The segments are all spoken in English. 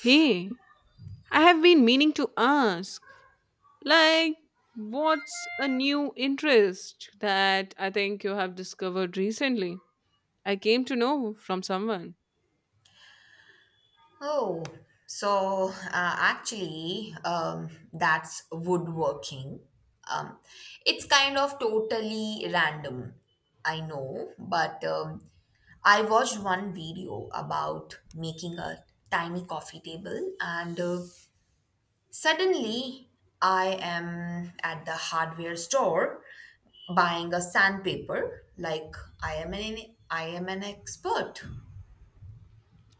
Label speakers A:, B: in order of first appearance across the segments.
A: Hey, I have been meaning to ask, like, what's a new interest that I think you have discovered recently? I came to know from someone.
B: Oh, that's woodworking. Um, it's kind of totally random, I know, but I watched one video about making a tiny coffee table, and suddenly I am at the hardware store buying a sandpaper like I am an I am an expert.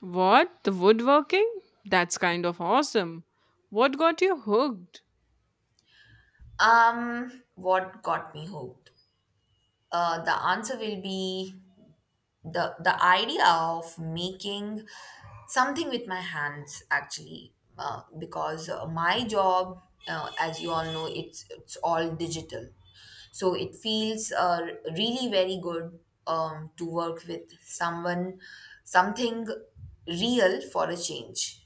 A: What? The woodworking? That's kind of awesome. What got you hooked?
B: What got me hooked? The answer will be the idea of making something with my hands actually because my job as you all know it's all digital so it feels really very good to work with someone something real for a change.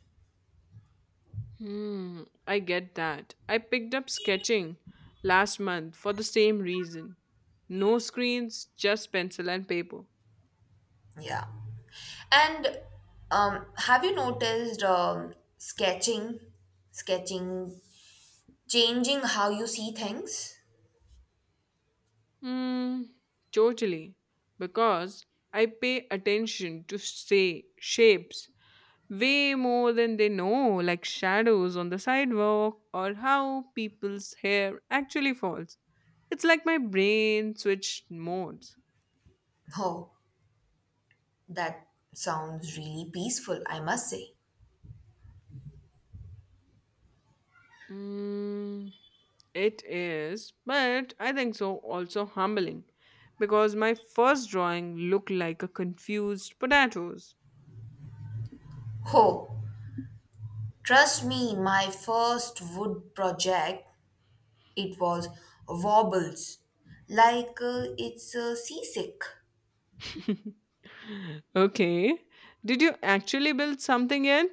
A: Hmm, I get that. I picked up sketching last month for the same reason. No screens, just pencil and paper.
B: Yeah, and have you noticed sketching changing how you see things?
A: Hmm. Totally. Because I pay attention to say shapes way more than they know, like shadows on the sidewalk or how people's hair actually falls. It's like my brain switched modes.
B: Oh, that sounds really peaceful, I must say.
A: Mm, it is, but I think so also humbling because my first drawing looked like a confused potatoes.
B: Oh, trust me, my first wood project, it was wobbles, like it's seasick.
A: Okay, did you actually build something yet?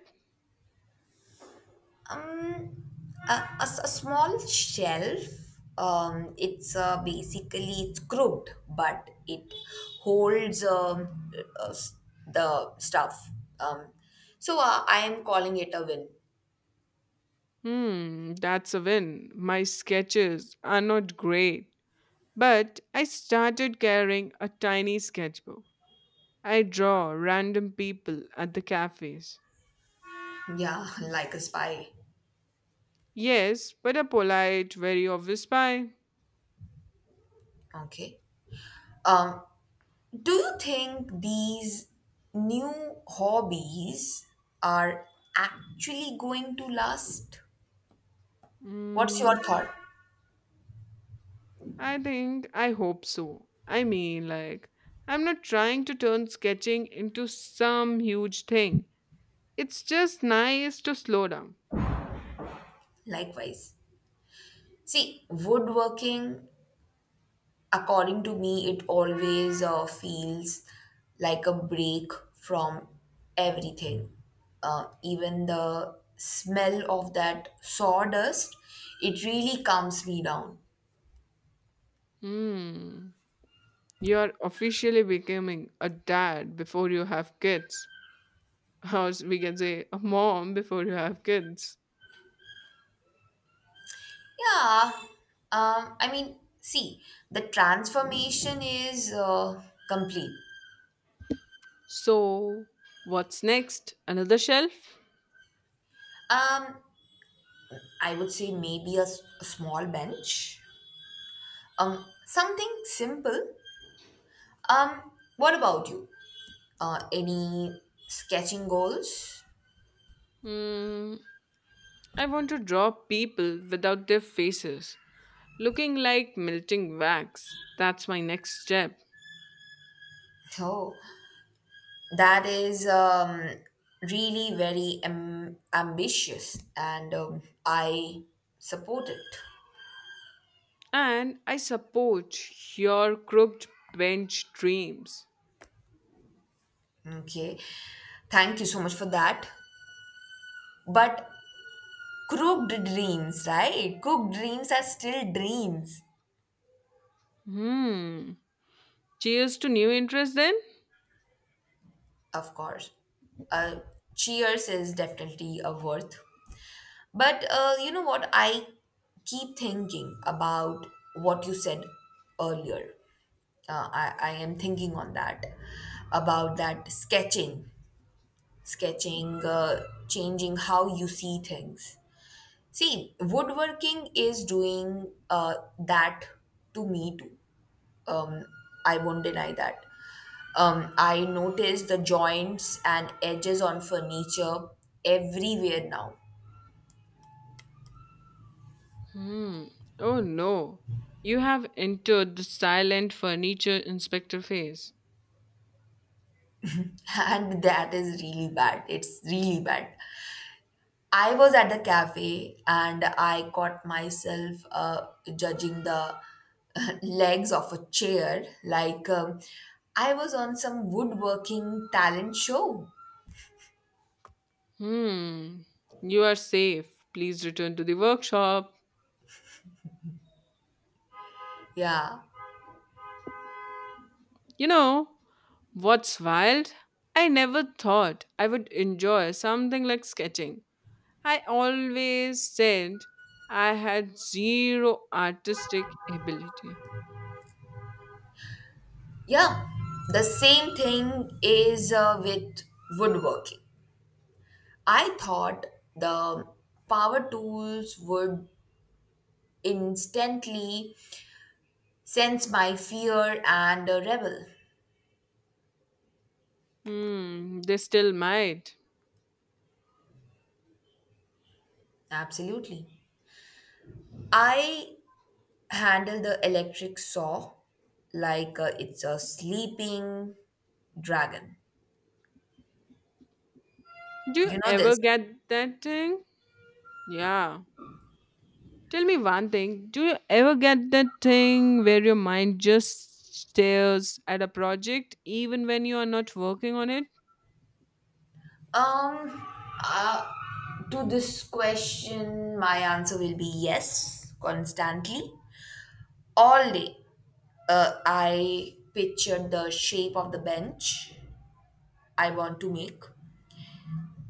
B: Um, a small shelf. It's basically it's crooked, but it holds uh, s- the stuff. Um, so I am calling it a win.
A: Hmm, that's a win. My sketches are not great, but I started carrying a tiny sketchbook. I draw random people at the cafes.
B: Yeah, like a spy.
A: Yes, but a polite, very obvious spy.
B: Okay. Um, do you think these new hobbies are actually going to last? What's your
A: Hmm,
B: thought?
A: I think I hope so. I mean, like, I'm not trying to turn sketching into some huge thing. It's just nice to slow down.
B: Likewise. See, woodworking, according to me, it always feels like a break from everything. Even the smell of that sawdust, it really calms me down.
A: Hmm. You're officially becoming a dad before you have kids. Or we can say a mom before you have kids.
B: Yeah, I mean, see, the transformation is complete.
A: So, what's next? Another shelf?
B: Um, I would say maybe a small bench, something simple. Um, what about you? Any sketching goals?
A: Hmm, I want to draw people without their faces, looking like melting wax. That's my next step.
B: Oh, that is really ambitious, and I support it.
A: And I support your crooked bench dreams.
B: Okay, thank you so much for that. But crooked dreams, right? Cooked dreams are still dreams,
A: Hmm. Cheers to new interest then?
B: of course. Uh, cheers is definitely a worth. But you know what? I keep thinking about what you said earlier. I am thinking on that about that sketching, changing how you see things. See, woodworking is doing that to me too. Um, I won't deny that. I notice the joints and edges on furniture everywhere now.
A: Hmm. Oh no. You have entered the silent furniture inspector phase.
B: And that is really bad. It's really bad. I was at the cafe and I caught myself judging the legs of a chair like I was on some woodworking talent show.
A: Hmm. You are safe. Please return to the workshop.
B: Yeah.
A: You know, what's wild? I never thought I would enjoy something like sketching. I always said I had zero artistic ability.
B: Yeah. The same thing is with woodworking. I thought the power tools would instantly sense my fear and rebel.
A: Hmm, they still might.
B: Absolutely. I handle the electric saw like it's a sleeping dragon.
A: Do you
B: You know
A: ever
B: this.
A: get that thing? Yeah. Tell me one thing. Do you ever get that thing where your mind just stares at a project even when you are not working on it?
B: Um, uh, to this question, my answer will be yes, constantly, all day. I pictured the shape of the bench I want to make.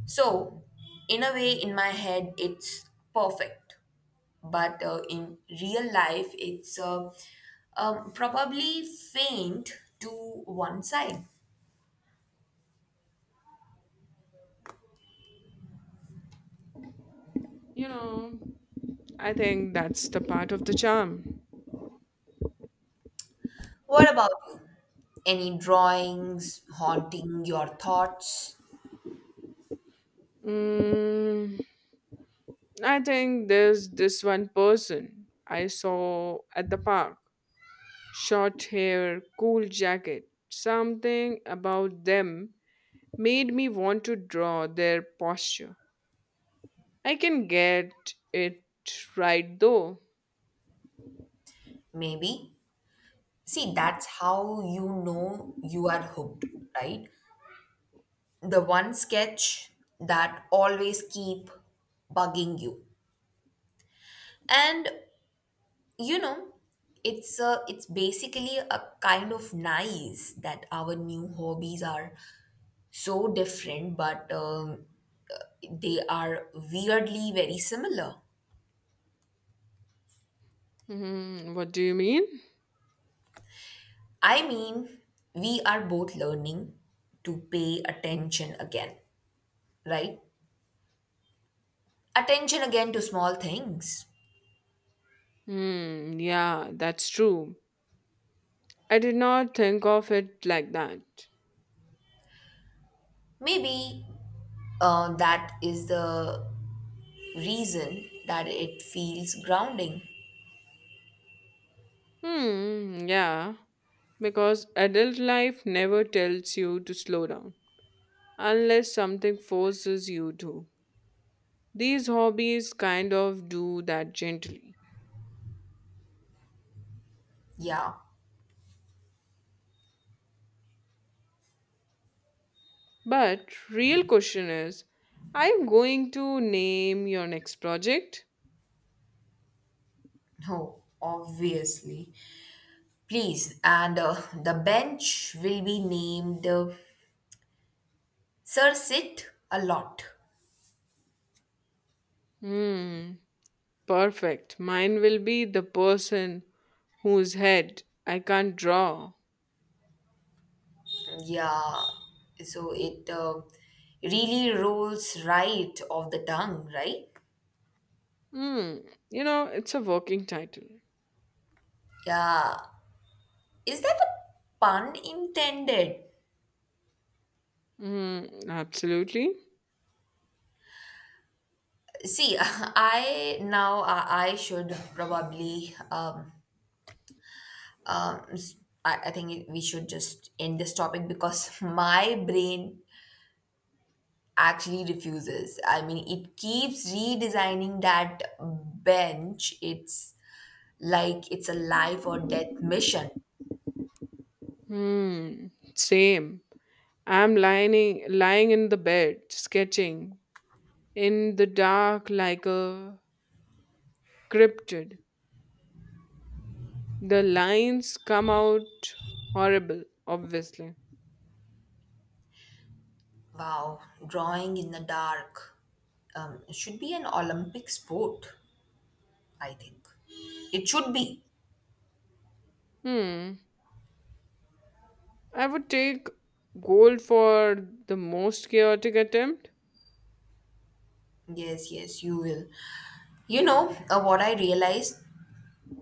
B: So, in a way, in my head, it's perfect. But in real life, it's probably faint to one side.
A: You know, I think that's the part of the charm.
B: What about you? Any drawings haunting your thoughts?
A: Mm, I think there's this one person I saw at the park. Short hair, cool jacket. Something about them made me want to draw their posture. I can get it right though.
B: Maybe. See, that's how you know you are hooked, right? The one sketch that always keep bugging you. And you know it's basically a kind of nice that our new hobbies are so different but they are weirdly very similar.
A: Hmm. What do you mean?
B: I mean, we are both learning to pay attention again, right? Attention again to small things.
A: Hmm, yeah, that's true. I did not think of it like that.
B: Maybe that is the reason that it feels grounding.
A: Hmm, yeah, because adult life never tells you to slow down unless something forces you to. These hobbies kind of do that gently.
B: Yeah.
A: But real question is, are you going to name your next project?
B: No, obviously. Please, and the bench will be named Sir Sit a lot.
A: Hmm. Perfect. Mine will be the person whose head I can't draw.
B: Yeah, so it really rolls right off the tongue, right?
A: Hmm. You know, it's a working title.
B: Yeah, is that a pun intended?
A: Hmm. Absolutely.
B: See, I should probably um s- I think we should just end this topic because my brain actually refuses. I mean, it keeps redesigning that bench. It's like it's a life or death mission.
A: Hmm. Same. I'm lying in the bed, sketching in the dark like a cryptid. The lines come out horrible, obviously.
B: Wow, drawing in the dark should be an Olympic sport, I think. It should be.
A: Hmm. I would take gold for the most chaotic attempt.
B: Yes, yes, you will. You know, what I realized,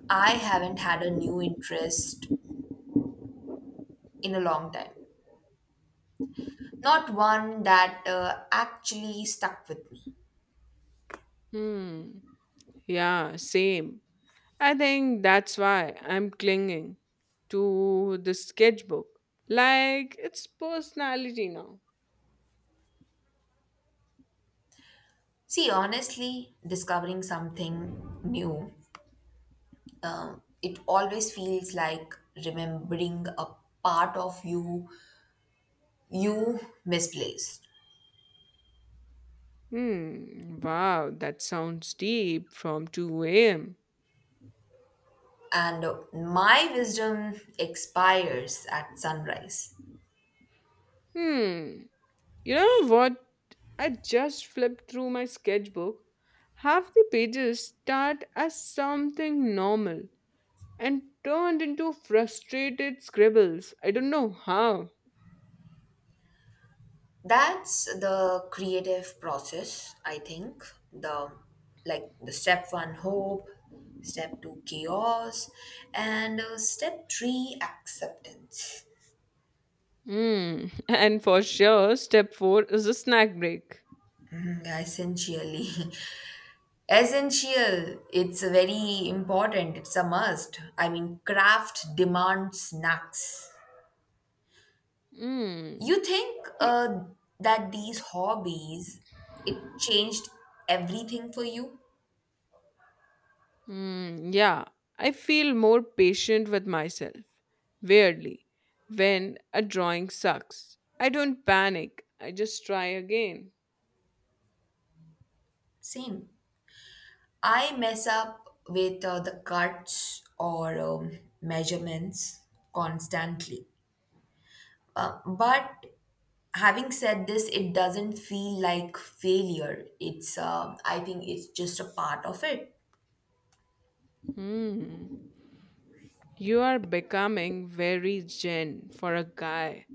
B: I haven't had a new interest in a long time. Not one that actually stuck with me.
A: Hmm. Yeah, same. I think that's why I'm clinging to the sketchbook. Like it's personality now.
B: See, honestly, discovering something new, it always feels like remembering a part of you you misplaced.
A: Hmm. Wow, that sounds deep from 2 a.m.
B: And my wisdom expires at sunrise.
A: Hmm. You know what? I just flipped through my sketchbook. Half the pages start as something normal and turned into frustrated scribbles. I don't know how.
B: That's the creative process, I think. The like the step 1 hope, step 2 chaos, and step 3 acceptance.
A: Mm. And for sure, step four is a snack break.
B: Yeah, essentially. Essential, it's very important, it's a must. I mean, craft demands snacks.
A: Mm.
B: You think
A: He-
B: that these hobbies, it changed everything for you?
A: Mm, yeah, I feel more patient with myself. Weirdly, when a drawing sucks, I don't panic. I just try again.
B: Same. I mess up with the cuts or measurements constantly. But having said this, it doesn't feel like failure. It's, I think it's just a part of it.
A: Hmm. You are becoming very gen for a guy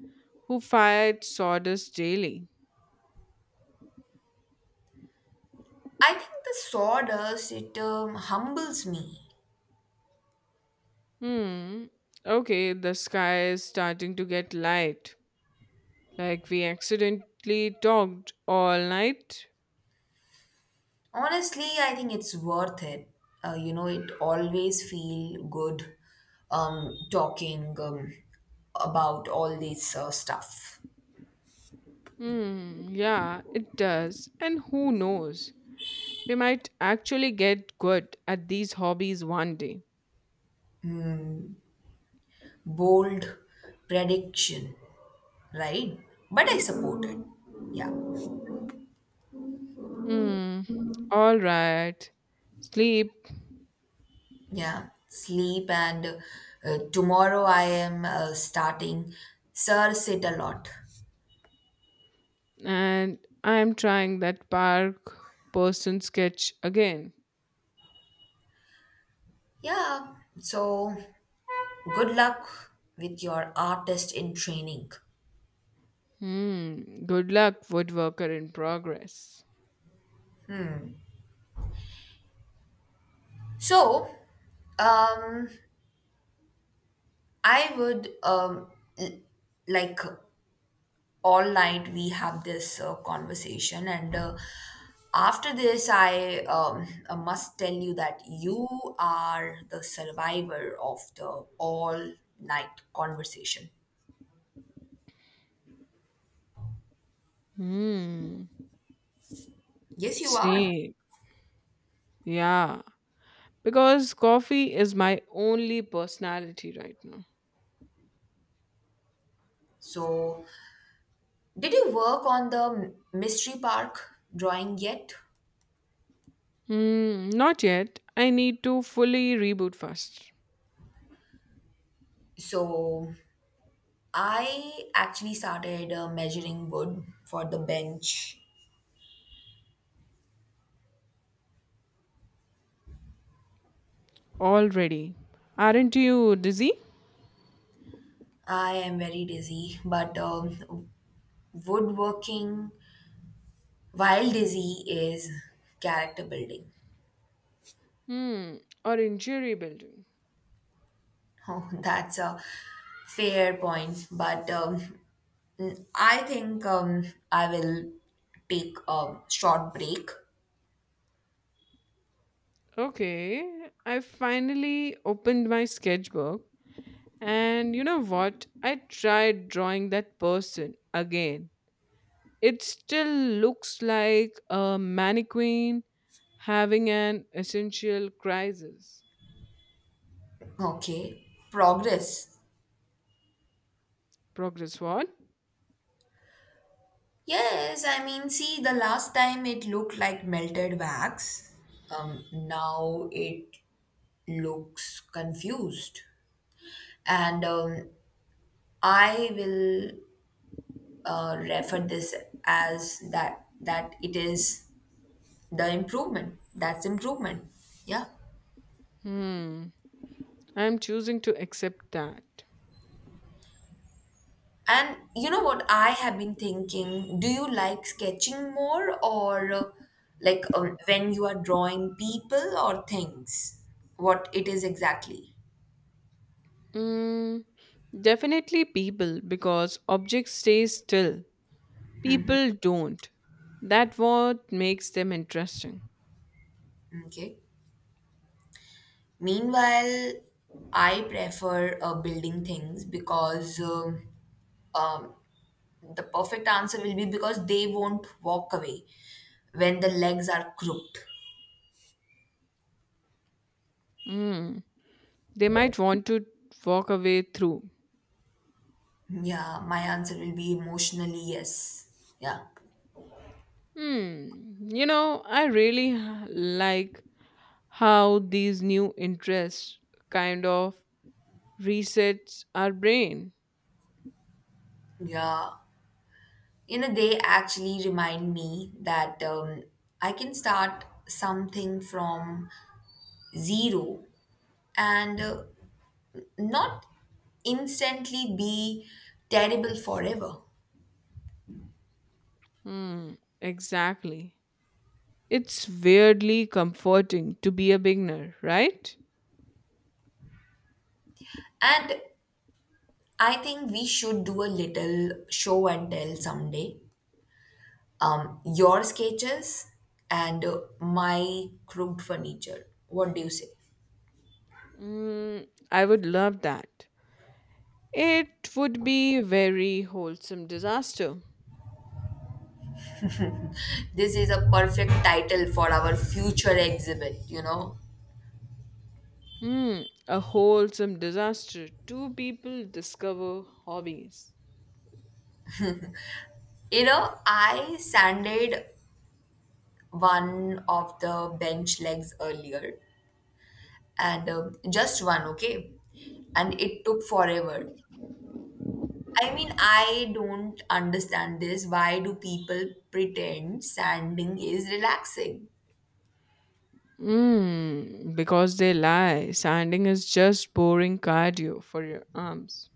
A: who fired sawdust daily.
B: I think the sawdust it humbles me.
A: Hmm. Okay, the sky is starting to get light. Like we accidentally talked all night?
B: Honestly, I think it's worth it. You know, it always feel good talking about all this stuff.
A: Hmm, yeah, it does. And who knows? We might actually get good at these hobbies one day.
B: Bold prediction, right? But I support it. Yeah,
A: Hmm, all right. Sleep.
B: yeah. Sleep and tomorrow I am starting Sir Sit a lot.
A: And I'm trying that park person sketch again.
B: Yeah. So good luck with your artist in training.
A: Hmm, good luck, woodworker in progress.
B: So, um, I would l- like all night we have this conversation, and after this, I must tell you that you are the survivor of the all night conversation.
A: Hmm,
B: Yes, you are.
A: same. Yeah, because coffee is my only personality right now.
B: So, did you work on the mystery park drawing yet?
A: Hmm. Not yet. I need to fully reboot first.
B: So, I actually started measuring wood for the bench.
A: Already. Aren't you dizzy?
B: I am very dizzy, but woodworking while dizzy is character building.
A: Hmm. Or injury building.
B: Oh, that's a fair point, I think I will take a short break.
A: Okay. I finally opened my sketchbook. And you know what? I tried drawing that person again. It still looks like a mannequin having an essential crisis.
B: Okay, progress.
A: Progress what?
B: Yes, I mean, see, the last time it looked like melted wax. Now it looks confused. And I will refer this as that it is the improvement. That's improvement. Yeah.
A: Hmm. I'm choosing to accept that.
B: And you know what I have been thinking? Do you like sketching more or like when you are drawing people or things? What it is exactly?
A: Mm, definitely people, because objects stay still. People don't. That what makes them interesting.
B: Okay. Meanwhile, I prefer building things because um, the perfect answer will be because they won't walk away when the legs are crooked.
A: Mm, they might want to walk away through.
B: Yeah, my answer will be emotionally yes. Yeah.
A: Hmm. You know, I really like how these new interests kind of resets our brain.
B: Yeah. You know, they actually remind me that I can start something from zero and not instantly be terrible forever.
A: Hmm. Exactly. It's weirdly comforting to be a beginner, right?
B: And I think we should do a little show and tell someday, your sketches and my crooked furniture. What do you say?
A: Mm, I would love that. It would be very wholesome disaster.
B: This is a perfect title for our future exhibit, you know.
A: Hmm, a wholesome disaster. Two people discover hobbies.
B: You know, I sanded one of the bench legs earlier and just one, okay? And it took forever. I mean, I don't understand this. Why do people pretend sanding is relaxing?
A: Hmm, because they lie. Sanding is just boring cardio for your arms.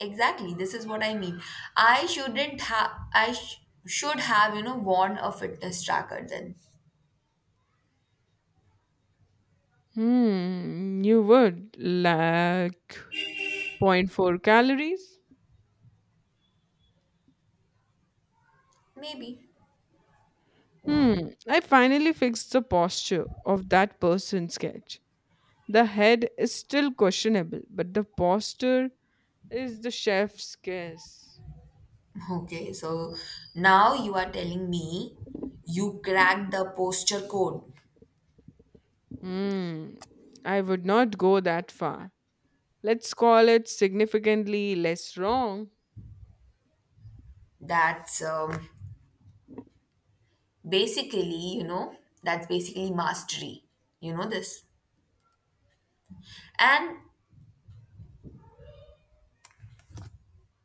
B: Exactly, this is what I mean. I shouldn't have, I sh- Should have, you know, worn a fitness tracker then.
A: Hmm, you would like 0.4 calories.
B: Maybe.
A: Hmm, I finally fixed the posture of that person's sketch. The head is still questionable, but the posture is the chef's kiss.
B: Okay, so now you are telling me you cracked the posture code.
A: Hmm, I would not go that far. Let's call it significantly less wrong.
B: That's basically, you know, that's basically mastery. You know this. And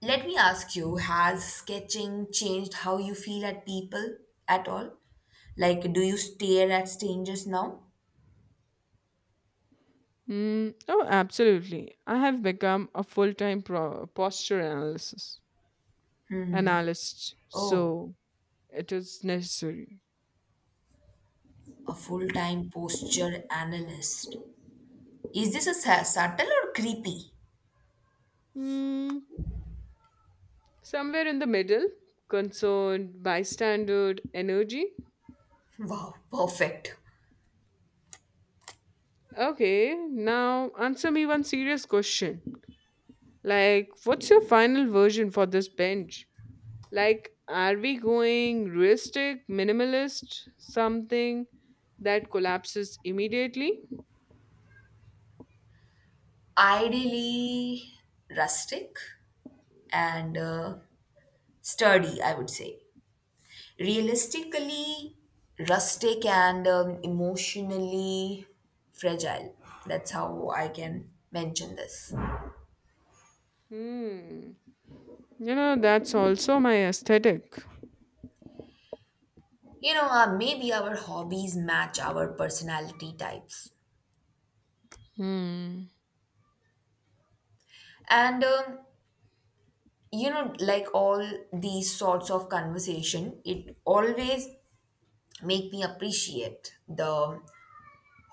B: let me ask you, has sketching changed how you feel at people at all? Like, do you stare at strangers now?
A: Hmm. Oh, absolutely. I have become a full time posture analyst,
B: Oh,
A: so it is necessary.
B: a full time posture analyst. Is this a subtle or creepy?
A: Hmm. Somewhere in the middle, concerned, bystander, energy.
B: Wow, perfect.
A: Okay, now answer me one serious question. Like, what's your final version for this bench? Like, are we going realistic, minimalist, something that collapses immediately?
B: Ideally rustic and sturdy, I would say. Realistically, rustic and emotionally fragile. That's how I can mention this.
A: Hmm. You know, that's also my aesthetic.
B: You know, maybe our hobbies match our personality types.
A: Hmm.
B: And you know, like, all these sorts of conversation it always make me appreciate the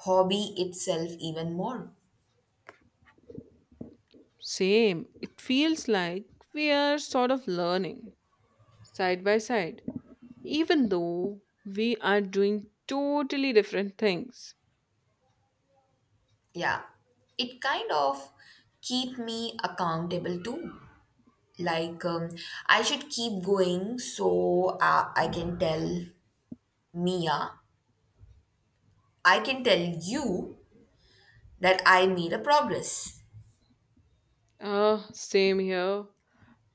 B: hobby itself even more.
A: Same. It feels like we are sort of learning side by side, even though we are doing totally different things.
B: Yeah, it kind of keep me accountable too, like, I should keep going so mia I can tell you that I made a progress.
A: Ah, same here.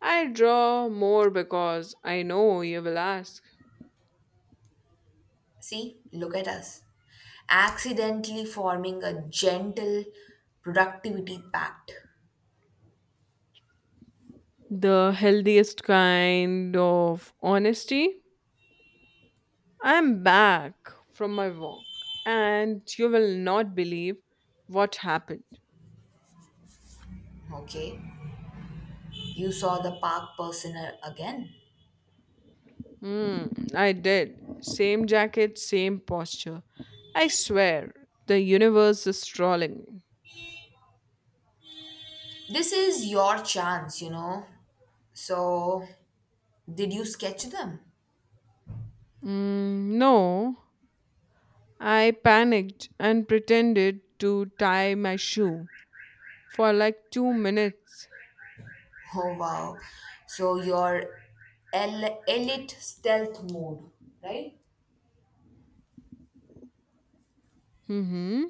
A: I draw more because I know you will ask.
B: See, look at us accidentally forming a gentle productivity pact.
A: The healthiest kind of honesty. I'm back from my walk, and you will not believe what happened.
B: Okay, you saw the park personnel again.
A: Hmm, I did. Same jacket, same posture. I swear, the universe is trolling me.
B: This is your chance, you know. So, did you sketch them?
A: Mm, no, I panicked and pretended to tie my shoe for like 2 minutes.
B: Oh, wow. So, your elite stealth mode, right?
A: Mm-hmm.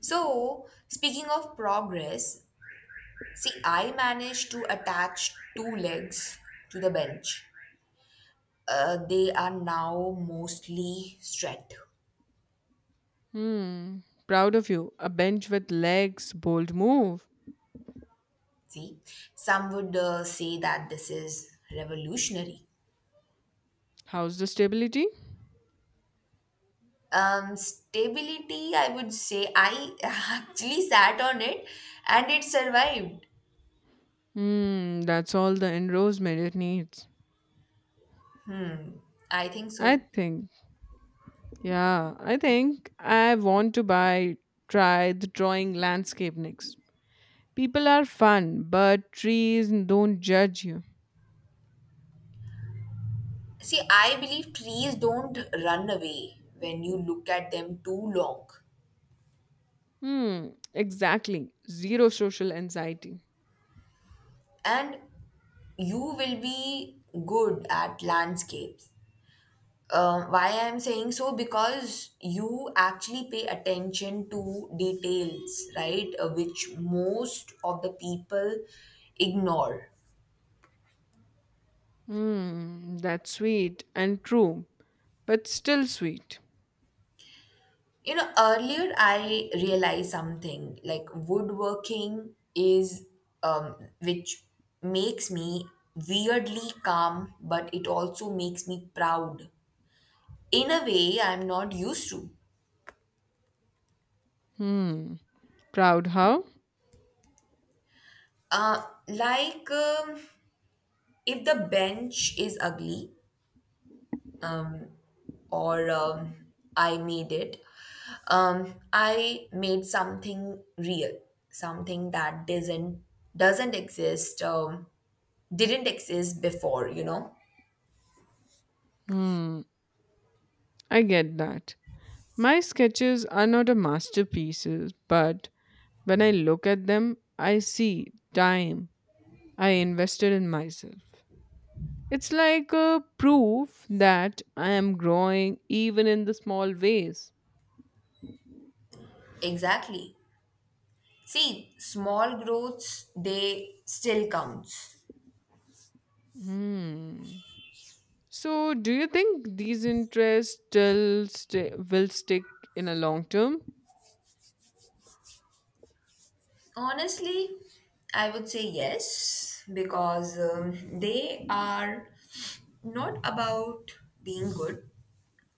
B: So, speaking of progress, see, I managed to attach two legs to the bench. They are now mostly straight.
A: Hmm. Proud of you. A bench with legs. Bold move.
B: See, some would say that this is revolutionary.
A: How's the stability?
B: Um, stability, I would say I actually sat on it and it survived.
A: Hmm, that's all the endorsement it needs.
B: I think
A: I
B: so.
A: think, yeah, I think I want to buy, try the drawing landscape next. People are fun, but trees don't judge you.
B: See, I believe trees don't run away when you look at them too long.
A: Hmm, exactly. Zero social anxiety.
B: And you will be good at landscapes, why I'm saying so because you actually pay attention to details, right? Which most of the people ignore.
A: Hmm, that's sweet and true, but still sweet.
B: You know, earlier I realized something like woodworking is, um, which makes me weirdly calm, but it also makes me proud in a way I'm not used to.
A: Hmm, proud how?
B: Uh, like, if the bench is ugly or I made it, I made something real, something that doesn't exist, didn't exist before, you know.
A: Hmm, I get that. My sketches are not a masterpieces, but when I look at them, I see time I invested in myself. It's like a proof that I am growing even in the small ways.
B: Exactly. See, small growths, they still counts.
A: Hmm. So, do you think these interests will stick in a long term?
B: Honestly, I would say yes because they are not about being good.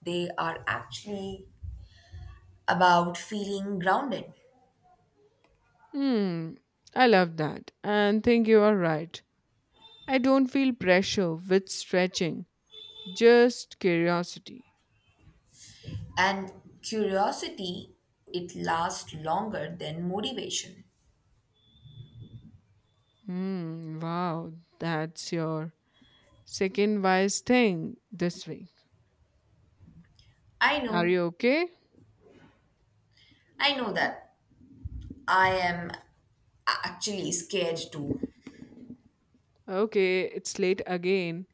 B: They are actually about feeling grounded.
A: Hmm. I love that and think you are right. I don't feel pressure with stretching, just curiosity.
B: And curiosity, it lasts longer than motivation.
A: Hmm. Wow, that's your second wise thing this week.
B: I
A: Are
B: know.
A: you okay?
B: I know that. I am actually scared too.
A: Okay, it's late again.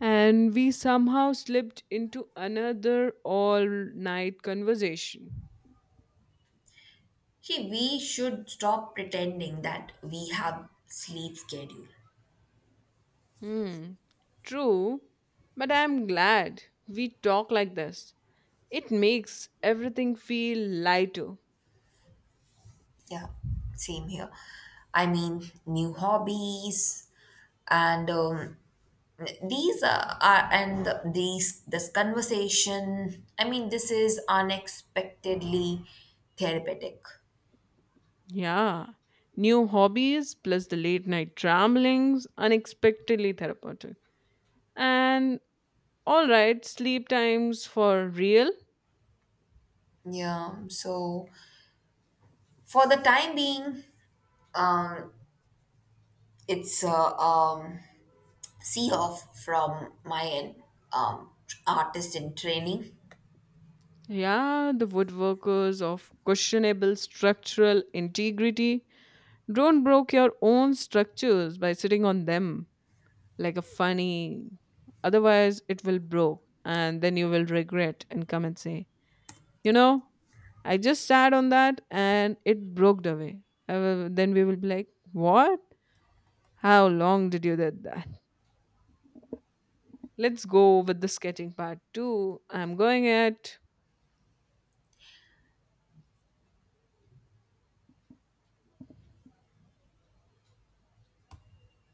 A: And we somehow slipped into another all night conversation.
B: See, we should stop pretending that we have sleep schedule.
A: Hmm. True, but I'm glad we talk like this. It makes everything feel lighter.
B: Yeah, same here. I mean, new hobbies, and these are and these this conversation. I mean, this is unexpectedly therapeutic.
A: Yeah. New hobbies plus the late night ramblings, unexpectedly therapeutic. And all right, sleep times for real.
B: Yeah, so for the time being, um, it's a see off from my end, um, artist in training.
A: Yeah, the woodworkers of questionable structural integrity. Don't broke your own structures by sitting on them like a funny. Otherwise, it will broke, and then you will regret and come and say, you know, I just sat on that and it broke away. I will, then we will be like, what? How long did you did that? Let's go with the sketching part two. I'm going it.